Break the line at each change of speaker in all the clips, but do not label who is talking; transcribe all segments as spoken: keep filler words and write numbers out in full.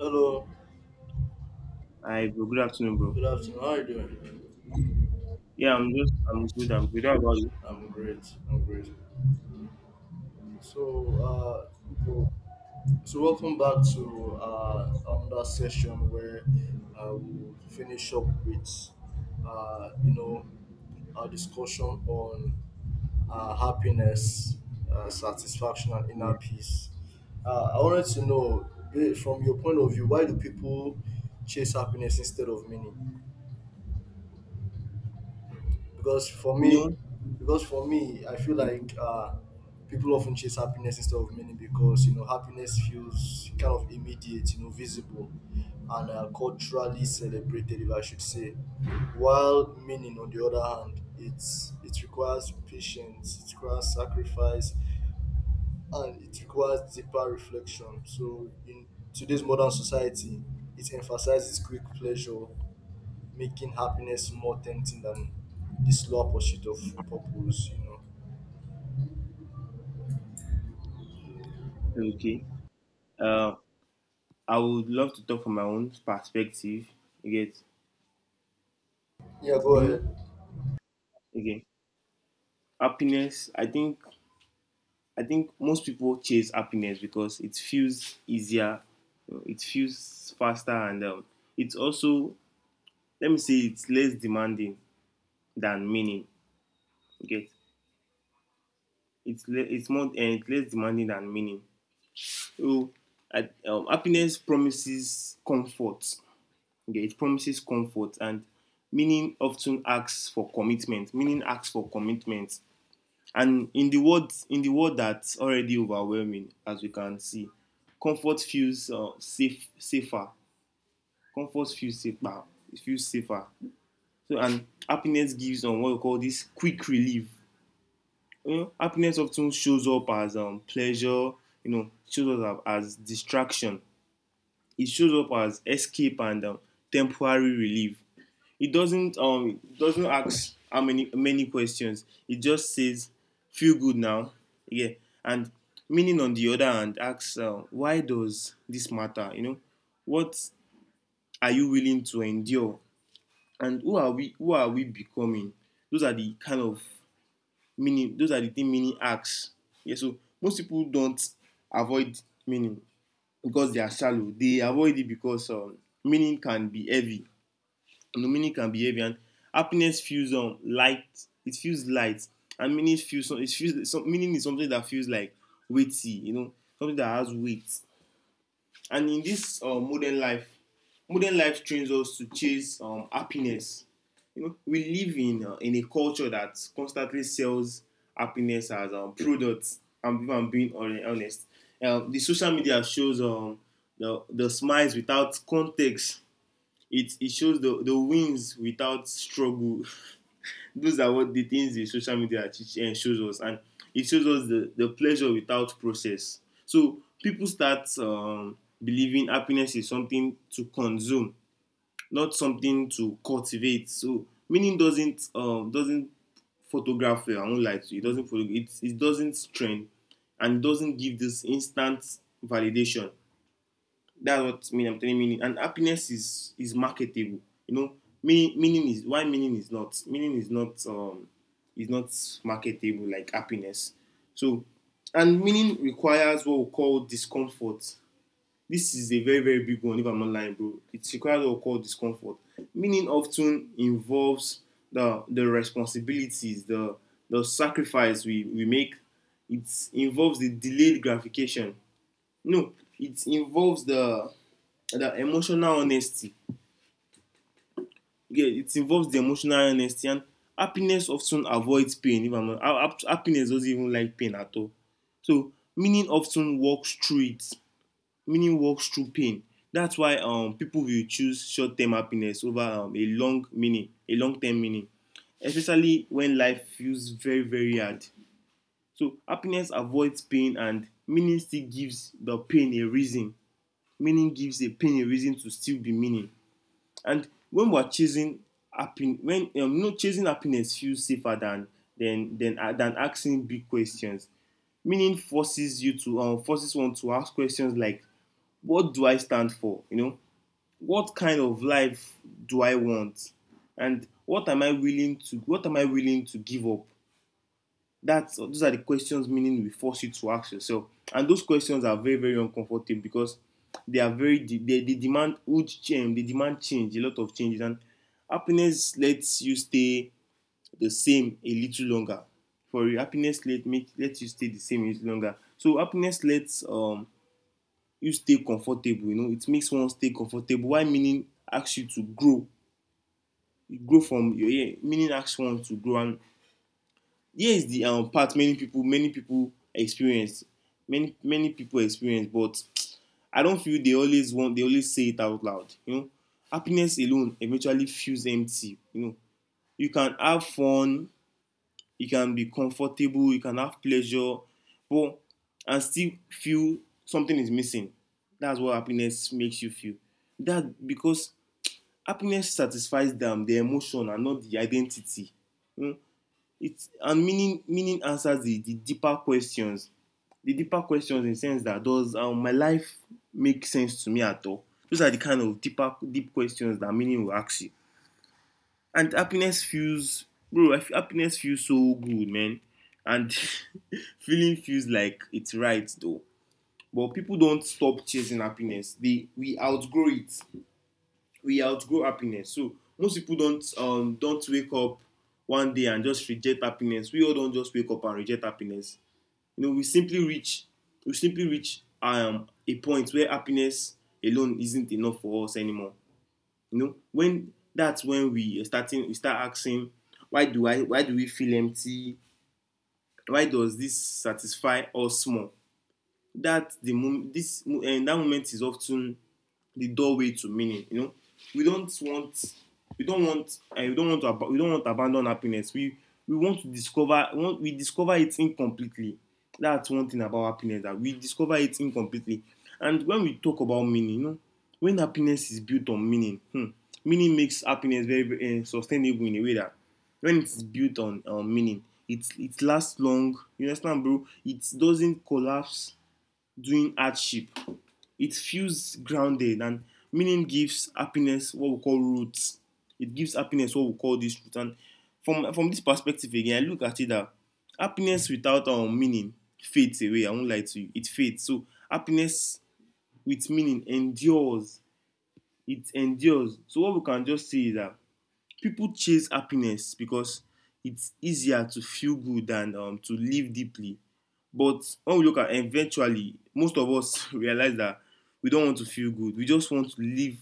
Hello,
Hi, bro. Good afternoon, bro.
good afternoon. How are you doing?
Yeah, I'm just, I'm good. I'm good. How about
I'm great. I'm great. So, uh,
you?
so welcome back to uh, another session where uh, we'll finish up with, uh, you know, our discussion on uh, happiness, uh, satisfaction, and inner
Yeah.
peace. Uh, I wanted to know, ba- from your point of view, why do people chase happiness instead of meaning? because for me
You
because for me I feel
know,
like uh people often chase happiness instead of meaning because you know happiness feels kind of immediate, you know, visible, and uh, culturally celebrated, if I should say, while meaning on the other hand it's it requires patience, it requires sacrifice, and it requires deeper reflection. So in today's modern society, it emphasizes quick pleasure, making happiness more tempting than the slower pursuit of purpose, you know.
okay. Uh, I would love to talk from my own perspective. You get,
Yeah, go
you know,
ahead.
okay. Happiness. I think, I think most people chase happiness because it feels easier, you know, it feels faster, and um, it's also, let me say, it's less demanding than meaning. You get, it's le- it's more, and it's less demanding than meaning. So, I, um, happiness promises comfort. Okay, it promises comfort, and meaning often asks for commitment. Meaning asks for commitment, and in the world, in the world that's already overwhelming, as we can see, comfort feels uh, safe, safer. Comfort feels safer. It feels safer. So, and happiness gives on um, what we call this quick relief. You know, happiness often shows up as um, pleasure. You know, shows up as distraction it shows up as escape and um, temporary relief. It doesn't um doesn't ask how many many questions. It just says feel good now, yeah. And meaning on the other hand asks uh, why does this matter? You know, what are you willing to endure, and who are we? Who are we becoming? Those are the kind of meaning. Those are the thing meaning asks. Yeah. So most people don't avoid meaning because they are shallow. They avoid it because um, meaning can be heavy. No meaning can be heavy, and happiness feels um light. It feels light, and meaning feels it feels meaning is something that feels like weighty. You know, something that has weight, and in this uh, modern life modern life trains us to chase um, happiness. You know, we live in uh, in a culture that constantly sells happiness as um, products, and if I'm being honest, um, the social media shows um, the, the smiles without context, it, it shows the, the wins without struggle. Those are what the things the social media teach and shows us, and it shows us the, the pleasure without process. So people start um, believing happiness is something to consume, not something to cultivate. So meaning doesn't um, doesn't photograph well. I won't lie to you, it doesn't photog- it, it doesn't trend and doesn't give this instant validation. That's what meaning I'm telling meaning. And happiness is is marketable. You know, meaning meaning is why meaning is not meaning is not um is not marketable like happiness. So, and meaning requires what we call discomfort. This is a very very big one. If I'm not lying, bro, it requires what we call discomfort. Meaning often involves the the responsibilities, the the sacrifice we we make. It involves the delayed gratification, no, it involves the the emotional honesty. Yeah, it involves the emotional honesty, and happiness often avoids pain. If I'm not, happiness doesn't even like pain at all. So meaning often walks through it. Meaning walks through pain. That's why um people will choose short-term happiness over um, a long meaning, a long-term meaning, especially when life feels very very hard. So happiness avoids pain, and meaning still gives the pain a reason, meaning gives a pain a reason to still be meaning. And when we're chasing happiness, when um, no chasing happiness feels safer than than than uh, than asking big questions. Meaning forces you to um, forces one to ask questions like, what do I stand for? You know, what kind of life do I want, and what am I willing to what am I willing to give up? That's those are the questions meaning we force you to ask yourself, and those questions are very very uncomfortable because they are very they, they demand huge change, they demand change, a lot of changes, and happiness lets you stay the same a little longer. For you, happiness let make lets you stay the same a little longer. So happiness lets um you stay comfortable. You know, it makes one stay comfortable. Why meaning asks you to grow, you grow from your yeah, meaning asks one to grow, and here is the um, part many people many people experience, many many people experience, but I don't feel they always want they always say it out loud. You know, happiness alone eventually feels empty. You know, you can have fun, you can be comfortable, you can have pleasure, but and still feel something is missing. That's what happiness makes you feel, that because happiness satisfies them the emotion and not the identity. You know, it's, and meaning meaning answers the, the deeper questions, the deeper questions, in the sense that does um, my life make sense to me at all. Those are the kind of deeper deep questions that meaning will ask you. And happiness feels, bro, happiness feels so good, man, and feeling feels like it's right though. But people don't stop chasing happiness, they, we outgrow it, we outgrow happiness. So most people don't um don't wake up one day and just reject happiness. We all don't just wake up and reject happiness. You know, we simply reach we simply reach um a point where happiness alone isn't enough for us anymore. You know, when that's when we are starting we start asking, why do I why do we feel empty? Why does this satisfy us more? That the moment this and that moment is often the doorway to meaning. You know, we don't want we don't want uh, we don't want to ab- we don't want to abandon happiness. We we want to discover, we want, we discover it incompletely. That's one thing about happiness, that we discover it incompletely. And when we talk about meaning, you know, when happiness is built on meaning, hmm, meaning makes happiness very, very uh, sustainable, in a way that when it's built on on meaning, it it lasts long. You understand, bro? It doesn't collapse during hardship. It feels grounded, and meaning gives happiness what we call roots. It gives happiness what we call this root. And from from this perspective again, I look at it that happiness without um, meaning fades away. I won't lie to you, it fades. So happiness with meaning endures. It endures. So what we can just say is that people chase happiness because it's easier to feel good than um, to live deeply. But when we look at eventually, most of us realize that we don't want to feel good. We just want to live.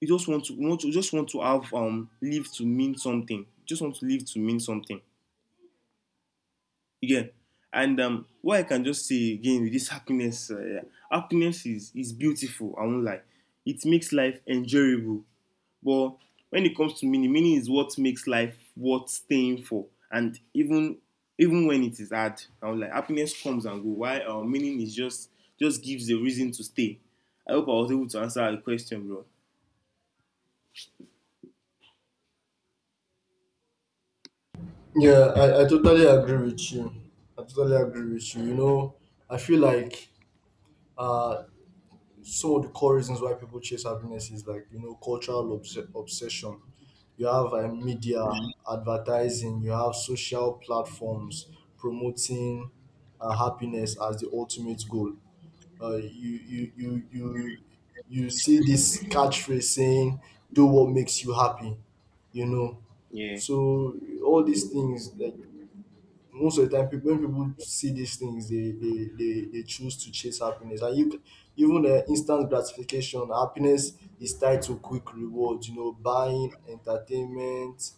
We just want to, we want to we just want to have um live to mean something. We just want to live to mean something. Again, and um, what I can just say again with this happiness, uh, happiness is is beautiful. I won't lie. It makes life enjoyable. But when it comes to meaning, meaning is what makes life worth staying for. And even even when it is hard, I'm like happiness comes and goes. Why our uh, meaning is just just gives a reason to stay. I hope I was able to answer your question, bro.
Yeah, I, I totally agree with you. I totally agree with you. You know, I feel like uh, some of the core reasons why people chase happiness is, like, you know, cultural obs- obsession. You have uh, media, advertising, you have social platforms promoting uh, happiness as the ultimate goal. uh, you you you you you see this catchphrase saying do what makes you happy, you know.
Yeah,
So all these things, like, most of the time people, when people see these things they they they, they choose to chase happiness. And you, even uh, instant gratification, happiness is tied to quick rewards, you know, buying, entertainment,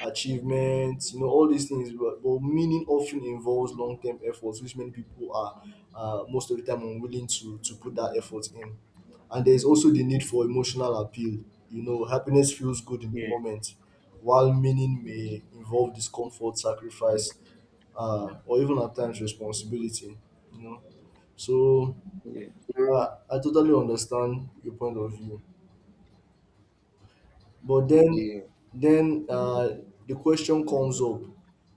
achievements, you know, all these things. But, but meaning often involves long-term efforts, which many people are uh, most of the time unwilling to to put that effort in. And there is also the need for emotional appeal. You know, happiness feels good in the
yeah,
moment while meaning may involve discomfort, sacrifice, uh, or even at times responsibility. You know, so
yeah. Mm.
uh, I totally understand your point of view, but then
Yeah,
then uh, the question comes up.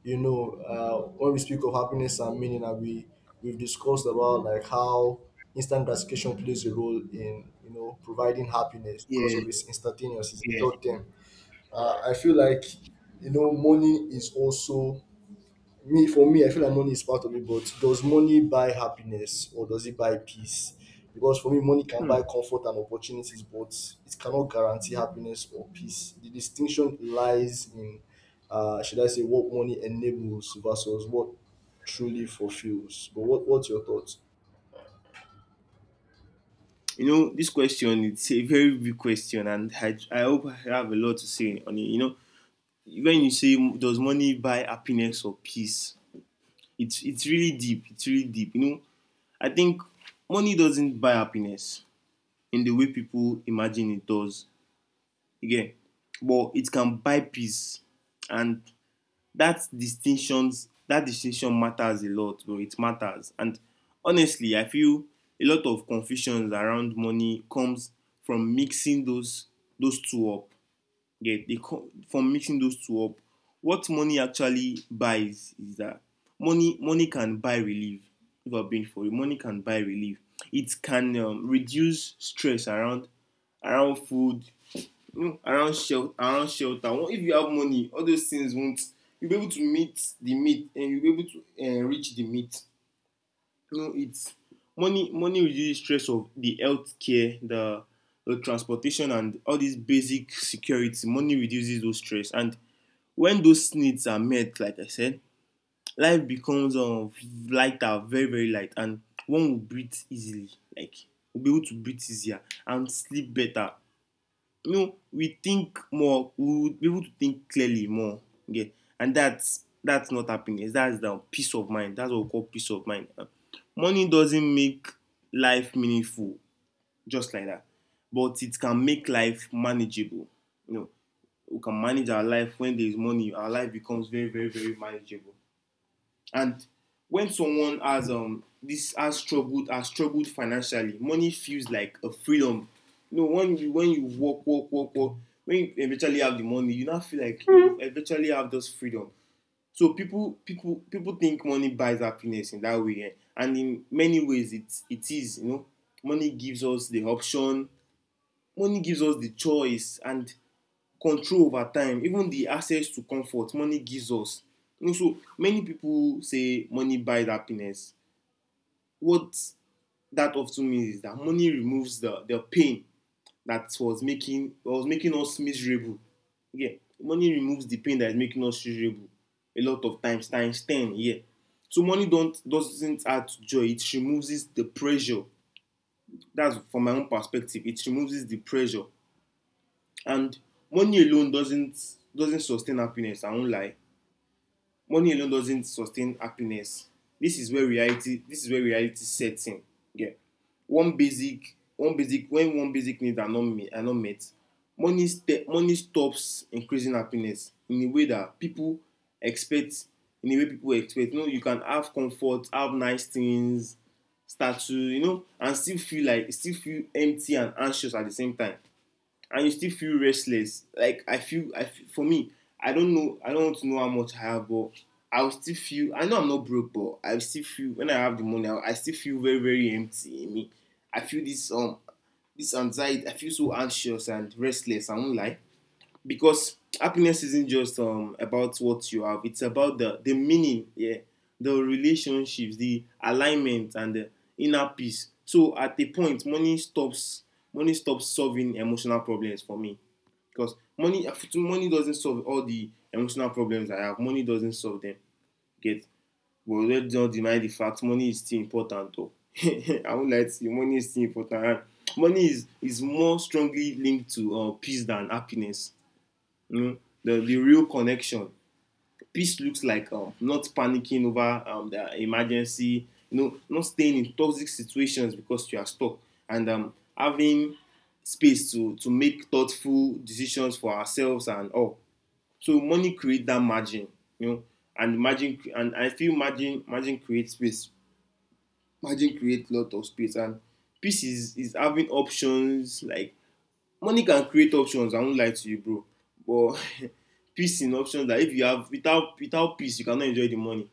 You know, uh, when we speak of happiness and meaning, and we we've discussed about like how instant gratification plays a role in, you know, providing happiness because
yeah,
of its instantaneous, it's
yeah.
short term. Uh, I feel like, you know, money is also me for me, I feel like money is part of it. But does money buy happiness, or does it buy peace? Because for me, money can
Hmm.
buy comfort and opportunities, but it cannot guarantee happiness or peace. The distinction lies in, uh should I say, what money enables versus what truly fulfills. But what, what's your thoughts?
You know, this question it's a very big question, and I, I hope I have a lot to say on it. You know, when you say does money buy happiness or peace, it's it's really deep. It's really deep. You know, I think money doesn't buy happiness in the way people imagine it does. Again, but it can buy peace, and that distinctions that distinction matters a lot. But it matters, and honestly, I feel a lot of confusions around money comes from mixing those those two up. Yeah, they come from mixing those two up. What money actually buys is that money money can buy relief. If I've been for you, money can buy relief. It can um, reduce stress around around food, you know, around shelter, around shelter. Well, if you have money, all those things won't. You'll be able to meet the meat, and you'll be able to uh, reach the meat. You know, it's money. Money reduces stress of the healthcare, the the transportation, and all these basic security. Money reduces those stress, and when those needs are met, like I said, life becomes um, lighter, very very light, and one will breathe easily. Like will be able to breathe easier and sleep better. You know, we think more, we would be able to think clearly more. Okay. And that's that's not happiness. That's the peace of mind. That's what we call peace of mind. Uh, Money doesn't make life meaningful, just like that. But it can make life manageable. You know, we can manage our life when there is money. Our life becomes very, very, very manageable. And when someone has um this has struggled has struggled financially, money feels like a freedom. You know, when you when you work, work, work, work, when you eventually have the money, you now feel like you eventually have this freedom. So people people people think money buys happiness in that way, eh, and in many ways it it is. You know, money gives us the option, money gives us the choice, and control over time, even the access to comfort, money gives us, you know, so many people say money buys happiness. What that often means is that money removes the the pain that was making was making us miserable, yeah. Money removes the pain that is making us miserable a lot of times times ten, yeah. So money don't doesn't add to joy, it removes the pressure. That's from my own perspective, it removes the pressure. And money alone doesn't doesn't sustain happiness, I won't lie. Money alone doesn't sustain happiness. This is where reality this is where reality sets in, yeah. One basic one basic when one basic needs are not met, are not met money ste money stops increasing happiness in a way that people expect, in a way people expect. You know, you can have comfort, have nice things, statue, you know, and still feel like still feel empty and anxious at the same time, and you still feel restless. Like I feel, I feel, for me, I don't know, I don't want to know how much I have, but I'll still feel. I know I'm not broke, but I still feel when I have the money, I, I still feel very, very empty in me. I feel this um, this anxiety. I feel so anxious and restless. I won't lie. Because happiness isn't just um about what you have, it's about the the meaning, yeah, the relationships, the alignment, and the inner peace. So at a point, money stops money stops solving emotional problems for me. Because money money doesn't solve all the emotional problems I have, money doesn't solve them. Get. But let's not deny the fact money is still important though. I won't lie to you, money is still important. Money is is more strongly linked to uh, peace than happiness, you know, the, the real connection. Peace looks like uh, not panicking over um, the emergency, you know, not staying in toxic situations because you are stuck, and um, having space to to make thoughtful decisions for ourselves and all. So money create that margin, you know, and margin and I feel margin margin creates space. Margin create lot of space, and peace is, is having options. Like money can create options, I won't lie to you, bro. But peace in options that if you have, without without peace you cannot enjoy the money.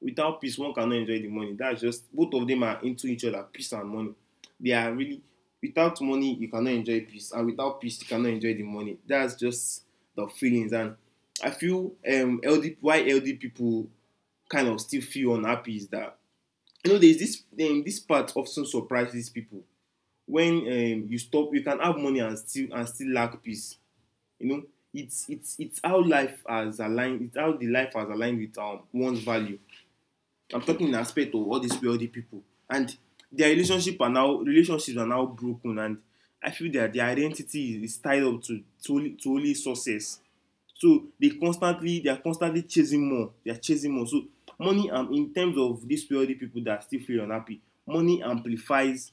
Without peace, one cannot enjoy the money. That's just, both of them are into each other, peace and money, they are really, without money you cannot enjoy peace, and without peace you cannot enjoy the money. That's just the feelings. And I feel um ld why ld people kind of still feel unhappy is that, you know, there's this um, this part often surprises people when, um, you stop you can have money and still and still lack peace, you know. It's it's it's how life has aligned. It's how the life has aligned with um one's value. I'm talking in aspect of all these wealthy people, and their relationship are now relationships are now broken. And I feel that their identity is, tied up to to only, to only success. So they constantly they are constantly chasing more. They are chasing more. So money, um in terms of these wealthy people that still feel unhappy, money amplifies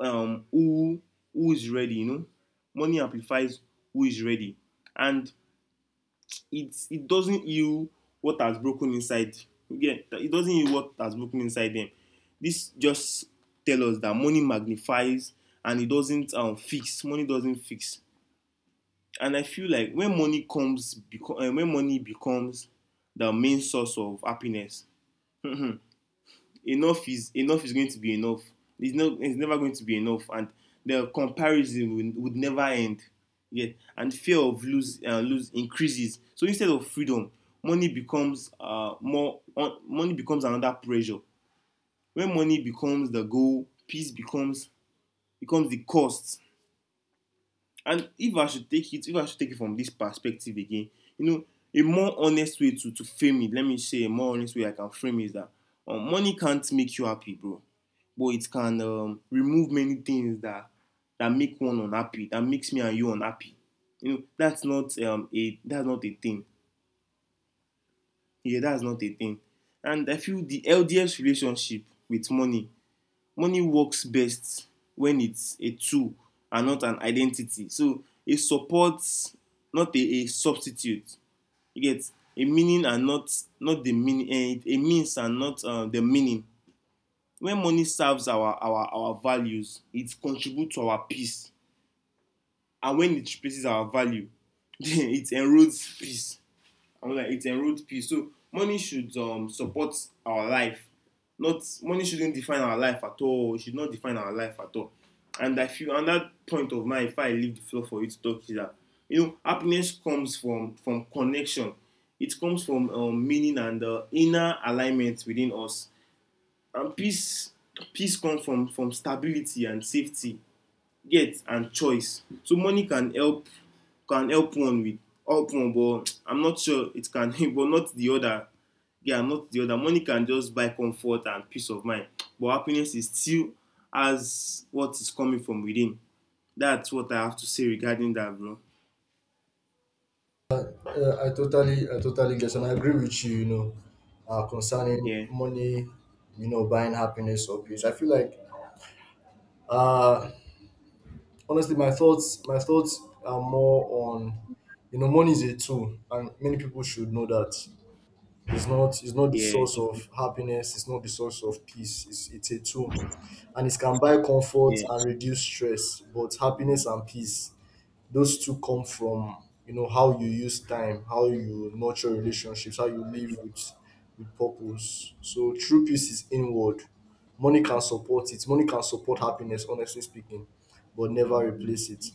um who who is ready. You know, money amplifies who is ready, and it it doesn't heal what has broken inside. Again, yeah, it doesn't heal what has broken inside them. This just tell us that money magnifies, and it doesn't, um, fix money doesn't fix. And I feel like when money comes beco- uh, when money becomes the main source of happiness, enough is enough is going to be enough. It's not, it's never going to be enough, and the comparison would, would never end. Yet, and fear of lose uh, lose increases. So instead of freedom, money becomes uh, more. On, money becomes another pressure. When money becomes the goal, peace becomes becomes the cost. And if I should take it, if I should take it from this perspective again, you know, a more honest way to, to frame it, let me say a more honest way I can frame it is that, um, money can't make you happy, bro. But it can um, remove many things that, that make one unhappy, that makes me and you unhappy. You know, that's not um a that's not a thing. Yeah, that's not a thing. And I feel the L D S relationship with money money works best when it's a tool and not an identity. So a support, not a, a substitute. You get a meaning and not, not the meaning, a means and not, uh, the meaning. When money serves our our our values, it contributes to our peace, and when it replaces our value, it erodes peace. I'm like it's a road piece. So money should um support our life. Not, money shouldn't define our life at all. It should not define our life at all. And I feel on that point of mine, if I leave the floor for you to talk, is that, you know, happiness comes from from connection. It comes from, um, meaning and, uh, inner alignment within us. And peace peace comes from from stability and safety. Get, and choice. So money can help, can help one with, help one, but I'm not sure it can, but not the other. Yeah, not the other. Money can just buy comfort and peace of mind, but happiness is still as what is coming from within. That's what I have to say regarding that, bro.
Yeah, i totally I totally guess and I agree with you. You know, uh concerning
yeah
money, you know, buying happiness or peace, I feel like uh honestly, my thoughts my thoughts are more on, you know, money is a tool and many people should know that. It's not, it's not the
yeah
source of happiness, it's not the source of peace, it's, it's a tool. And it can buy comfort
yeah
and reduce stress. But happiness and peace, those two come from, you know, how you use time, how you nurture relationships, how you live with with purpose. So true peace is inward. Money can support it, money can support happiness, honestly speaking, but never replace it.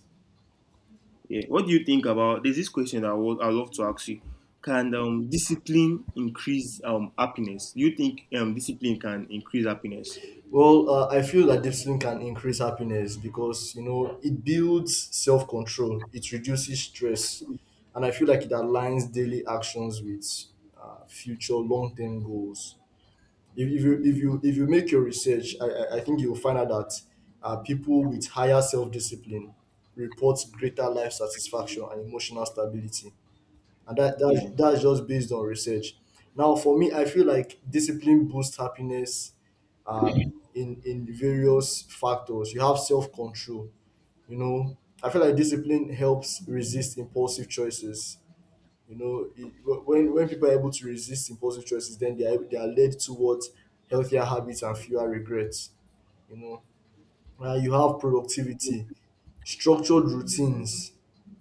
yeah, what do you think? About, there's this question that i would I love to ask you. Can, um, discipline increase um happiness? Do you think um discipline can increase happiness?
Well, uh, I feel that discipline can increase happiness because, you know, it builds self-control, it reduces stress, and I feel like it aligns daily actions with uh, future long-term goals. if, if you if you if you make your research, i i I think you'll find out that uh, people with higher self-discipline report greater life satisfaction and emotional stability. And that, that
yeah
that's just based on research. Now for me, I feel like discipline boosts happiness uh, in in various factors. You have self-control, you know. I feel like discipline helps resist impulsive choices. You know, it,
yeah
when when people are able to resist impulsive choices, then they are they are led towards healthier habits and fewer regrets, you know. Uh, you have productivity, structured routines,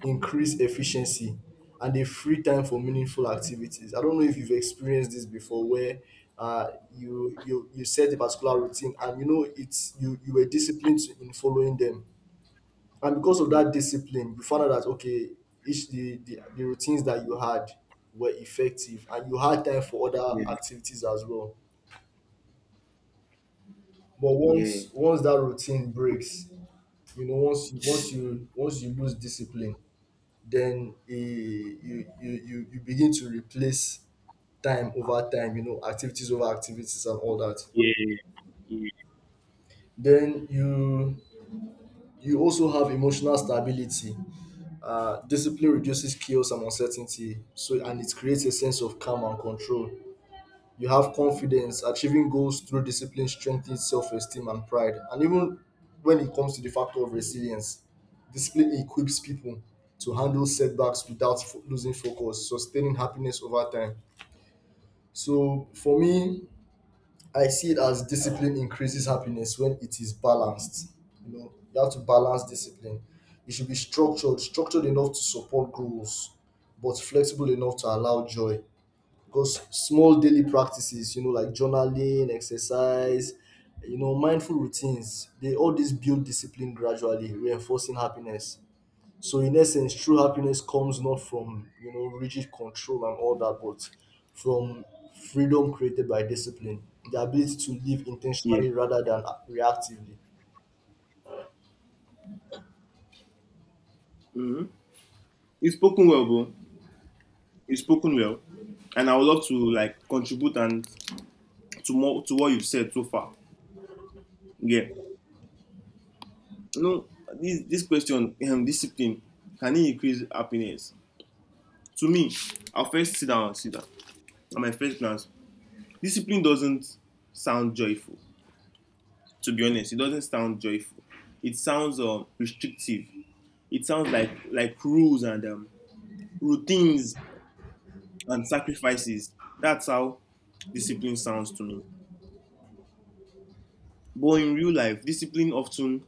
increased efficiency, and a free time for meaningful activities. I don't know if you've experienced this before where uh, you you you set a particular routine and, you know, it's you you were disciplined in following them, and because of
Yeah,
that discipline you found out that, okay, each the, the the routines that you had were effective, and you had time for other
yeah,
activities as well. But
Yeah,
once once that routine breaks, you know, once you once you once you lose discipline, then eh, you you you, you begin to replace time over time, you know, activities over activities and all that.
yeah. Yeah.
Then you you also have emotional stability. Uh, discipline reduces chaos and uncertainty, so and it creates a sense of calm and control. You have confidence. Achieving goals through discipline strengthens self-esteem and pride. And even when it comes to the factor of resilience, discipline equips people to handle setbacks without fo- losing focus, sustaining happiness over time. So for me, I see it as discipline increases happiness when it is balanced. You know, you have to balance discipline. It should be structured, structured enough to support goals, but flexible enough to allow joy. Because small daily practices, you know, like journaling, exercise, you know, mindful routines, they all these build discipline gradually, reinforcing happiness. So in essence, true happiness comes not from, you know, rigid control and all that, but from freedom created by discipline, the ability to live
Yeah.
intentionally rather than reactively.
You've spoken well, bro. You've spoken well, and I would love to like contribute and to more to what you've said so far. Yeah. You know, this this question, um, discipline, can it increase happiness? To me, I'll first sit down and sit down. At my first glance, discipline doesn't sound joyful. To be honest, it doesn't sound joyful. It sounds um restrictive. It sounds like like rules and um routines and sacrifices. That's how discipline sounds to me. But in real life, discipline often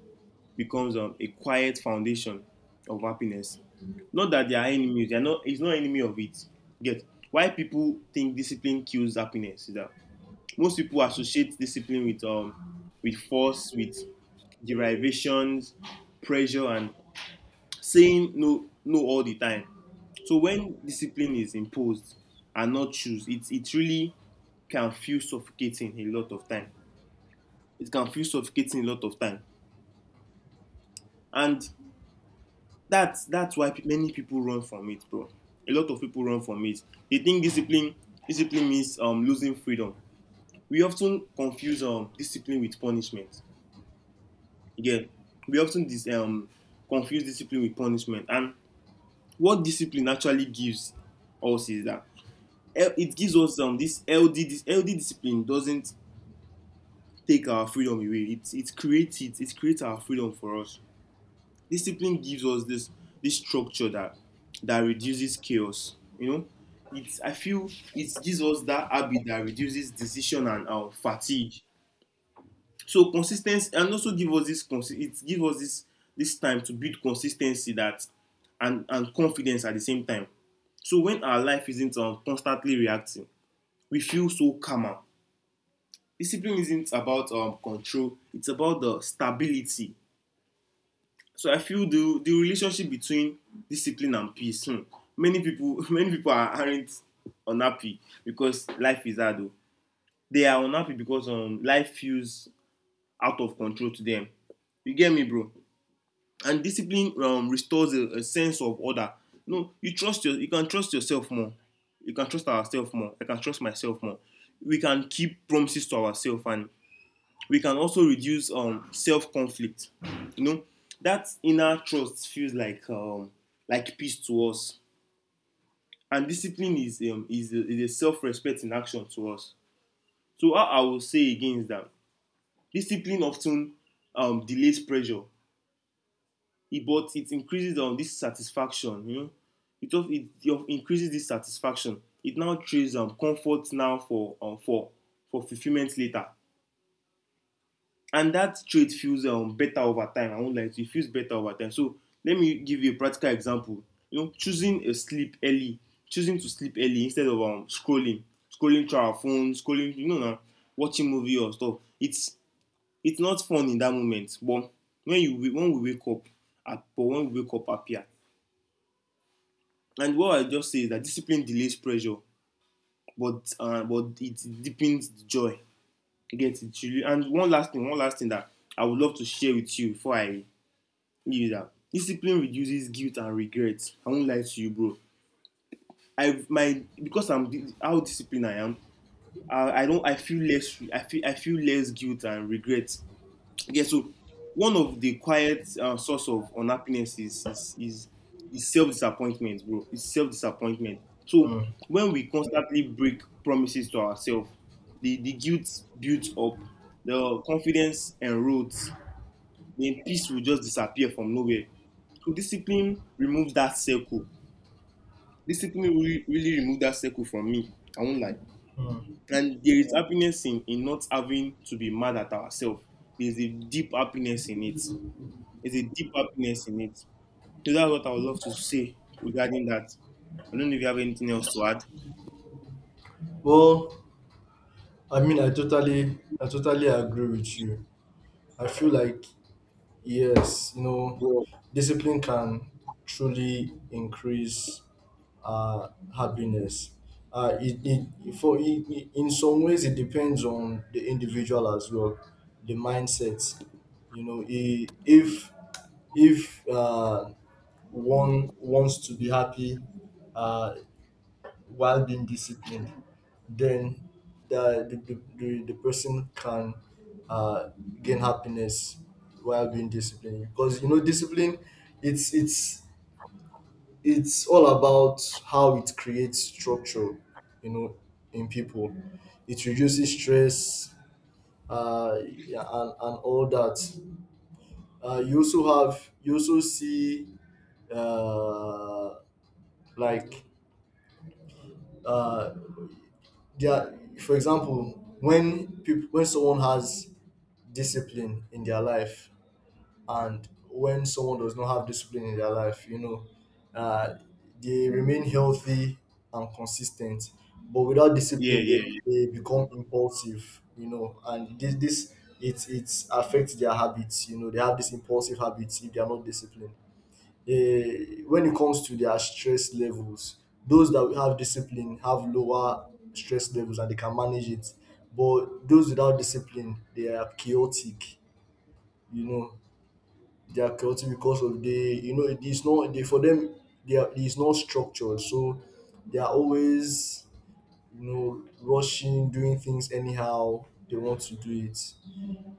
becomes, um, a quiet foundation of happiness. Not that they are enemies; they are not. It's not enemy of it. Get why people think discipline kills happiness is that most people associate discipline with um with force, with derivations, pressure, and saying no no all the time. So when discipline is imposed and not choose, it it really can feel suffocating a lot of time. It can feel suffocating a lot of time, and that's that's why many people run from it, bro. A lot of people run from it. They think discipline discipline means um losing freedom. We often confuse um discipline with punishment. Again, we often dis um confuse discipline with punishment, and what discipline actually gives us is that it gives us um this L D, this L D, discipline doesn't take our freedom away. It it creates it it creates our freedom for us. Discipline gives us this, this structure that, that reduces chaos. You know, it's, I feel, it gives us that habit that reduces decision and, um, fatigue. So consistency, and also give us this, consi- it gives us this, this time to build consistency, that, and and confidence at the same time. So when our life isn't, um, constantly reacting, we feel so calmer. Discipline isn't about, um, control, it's about the stability. So I feel the the relationship between discipline and peace. Hmm, many people many people are, aren't unhappy because life is hard o, they are unhappy because, um, life feels out of control to them. You get me, bro. And discipline, um, restores a, a sense of order. You know, you trust your you can trust yourself more, you can trust ourselves more, I can trust myself more. We can keep promises to ourselves, and we can also reduce, um, self conflict. You know, that inner trust feels like, um, like peace to us, and discipline is, um, is a, is a self respect in action to us. So what I will say again is that discipline often, um, delays pressure, but it increases, um, this satisfaction. You know, it of it, it increases this satisfaction. It now trades, um, comfort now for, um, for for fulfillment later. And that trait feels, um, better over time. I won't lie to you, it feels better over time. So let me give you a practical example. You know, choosing a sleep early, choosing to sleep early instead of, um, scrolling, scrolling through our phone, scrolling, you know, nah, watching movie or stuff. It's it's not fun in that moment, but when you when we wake up, uh, but when we wake up happier. And what I just say is that discipline delays pressure, but, uh, but it deepens the joy. You get it? You- And one last thing, one last thing that I would love to share with you before I you know, discipline reduces guilt and regrets. I won't lie to you, bro. I my because I'm how disciplined I am, I I don't I feel less I feel I feel less guilt and regrets. Yeah. So one of the quiet, uh, source of unhappiness is is is is self disappointment, bro. It's self disappointment. So when we constantly break promises to ourselves, the the guilt builds up, the confidence erodes, then peace will just disappear from nowhere. So discipline removes that circle. Discipline really, really removes that circle from me. I won't lie. And there is happiness in, in not having to be mad at ourselves. There's a deep happiness in it. There's a deep happiness in it. So that's what I would love to say regarding that. I don't know if you have anything else to add.
Well, I mean, I totally, I totally agree with you. I feel like, yes, you know,
Yeah.
discipline can truly increase uh, happiness. Uh, it, it, for it, it- in some ways, it depends on the individual as well, the mindset. You know, i- if if uh, one wants to be happy, uh, while being disciplined, then the the, the, the the person can uh, gain happiness while being disciplined. Because, you know, discipline, it's it's it's all about how it creates structure, you know, in people. It reduces stress, uh, yeah, and and all that. Uh, you also have you also see uh, like uh, they are, for example, when people, when someone has discipline in their life and when someone does not have discipline in their life, you know, uh, they remain healthy and consistent. But without
Yeah,
discipline, they,
yeah,
they become impulsive, you know. And this this it it affects their habits. You know, they have this impulsive habits if they are not disciplined. Eh, when it comes to their stress levels, those that have discipline have lower stress levels, and they can manage it. But those without discipline, they are chaotic. You know, they are chaotic because of the, you know, it is not, they for them they are it is not structured, so they are always, you know, rushing, doing things anyhow they want to do it.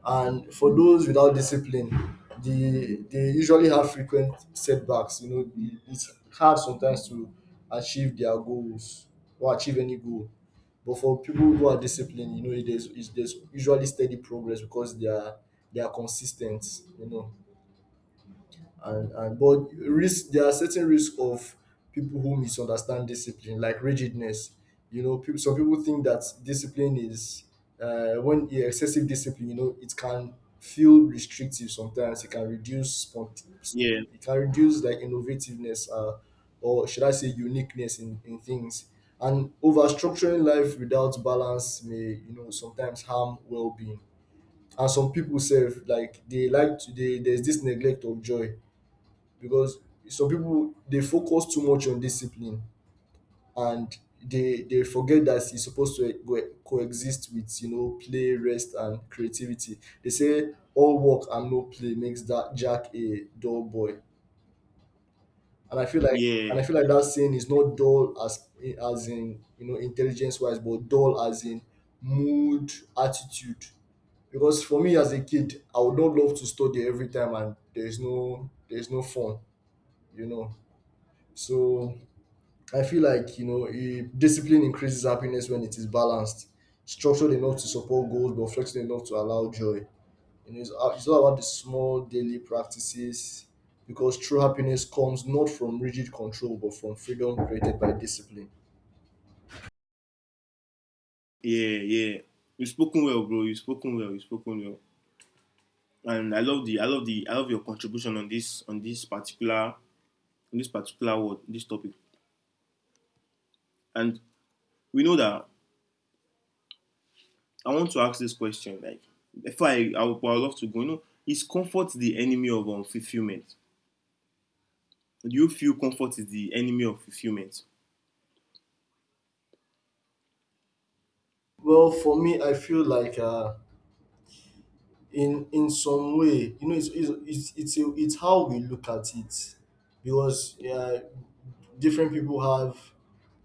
And for those without discipline, they they usually have frequent setbacks. You know, it- it's hard sometimes to achieve their goals or achieve any goal. But for people who are disciplined, you know, it is, it's, there's usually steady progress because they are they are consistent, you know. And and but risk there are certain risk of people who misunderstand discipline, like rigidness. You know, people, some people think that discipline is, uh, when yeah, excessive discipline, you know, it can feel restrictive sometimes. It can reduce spont-
yeah,
it can reduce, like, innovativeness, uh, or should I say uniqueness in, in things. And over structuring life without balance may, you know, sometimes harm well-being. And some people self, like, they like to they there's this neglect of joy because some people they focus too much on discipline, and they they forget that it's supposed to co- coexist with, you know, play, rest, and creativity. They say all work and no play makes that jack a dull boy. And i feel like and I
yeah,
feel like that saying is not dull as as in, you know, intelligence wise, but dull as in mood, attitude. Because for me as a kid, I would not love to study every time and there's no there's no fun, you know. So I feel like, you know, eh, discipline increases happiness when it is balanced, structured enough to support goals but flexible enough to allow joy. You know, it's, a- it's all about the small daily practices, because true happiness comes not from rigid control but from freedom created by discipline.
yeah, yeah. You've spoken well, bro. You've spoken well. You've spoken well. And I love the, I love the I love your contribution on this, on this particular on this particular word, this topic. And we know that, I want to ask this question like, if I I would, I would love to go. You know, is comfort the enemy of, um, fulfillment? Do you feel comfort is the enemy of fulfillment?
Well, for me, I feel like, uh, in in some way, you know, it's it's it's it's, a, it's how we look at it. Because, yeah, different people have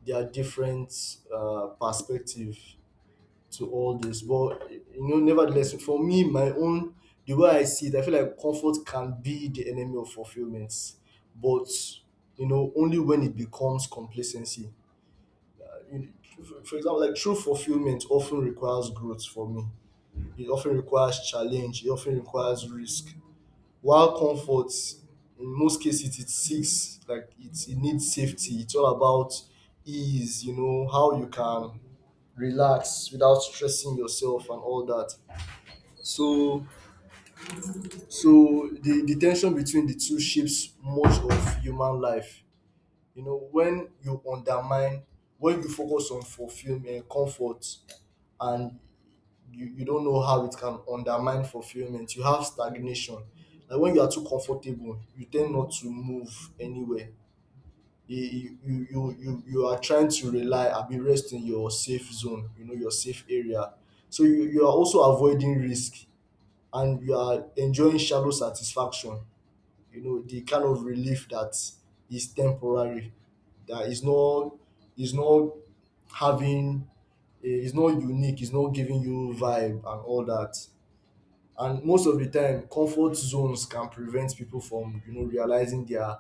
their different uh, perspective to all this. But, you know, nevertheless, for me, my own, the way I see it, I feel like comfort can be the enemy of fulfillment, but, you know, only when it becomes complacency. Uh, you- For for example, like, true fulfillment often requires growth for me. It often requires challenge. It often requires risk. While comfort, in most cases, it seeks, like, it, it needs safety. It's all about ease, you know, how you can relax without stressing yourself and all that. So so the, the tension between the two shapes much of human life. You know, when you undermine when you focus on fulfillment, comfort, and you, you don't know how it can undermine fulfillment. You have stagnation, like when you are too comfortable, you tend not to move anywhere. You you you you, you are trying to rely and be rest in your safe zone, you know, your safe area. So you, you are also avoiding risk, and you are enjoying shallow satisfaction, you know, the kind of relief that is temporary, that is not is not having, eh, is not unique, is not giving you vibe and all that. And most of the time, comfort zones can prevent people from, you know, realizing their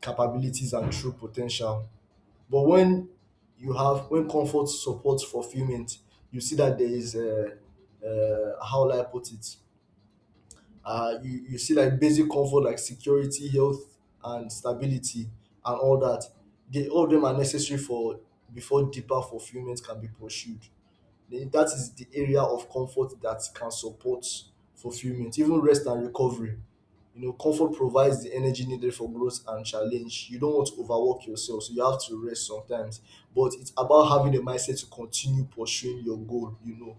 capabilities and true potential. But when you have when comfort supports fulfillment, you see that there is a, uh, how will I put it? Uh, you you see, like, basic comfort, like security, health, and stability, and all that. They, all of them, are necessary for, before deeper fulfillment can be pursued. Then that is the area of comfort that can support fulfillment. Even rest and recovery, you know, comfort provides the energy needed for growth and challenge. You don't want to overwork yourself, so you have to rest sometimes. But it's about having a mindset to continue pursuing your goal, you know.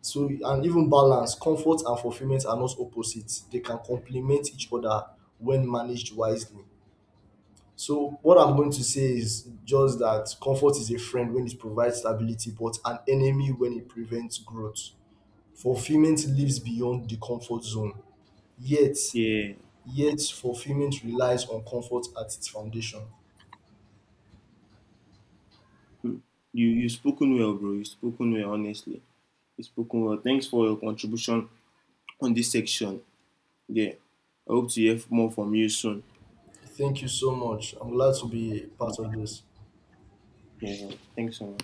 So, and even balance, comfort and fulfillment are not opposites. They can complement each other when managed wisely. So what I'm going to say is just that comfort is a friend when it provides stability, but an enemy when it prevents growth. Fulfillment lives beyond the comfort zone. Yet,
Yeah.
yet fulfillment relies on comfort at its foundation.
Mm. you you spoken well, bro. You spoken well, honestly. You spoken well. Thanks for your contribution on this section. Yeah, I hope to hear more from you soon.
Thank you so much. I'm glad to be part of this.
Yeah, thanks so much.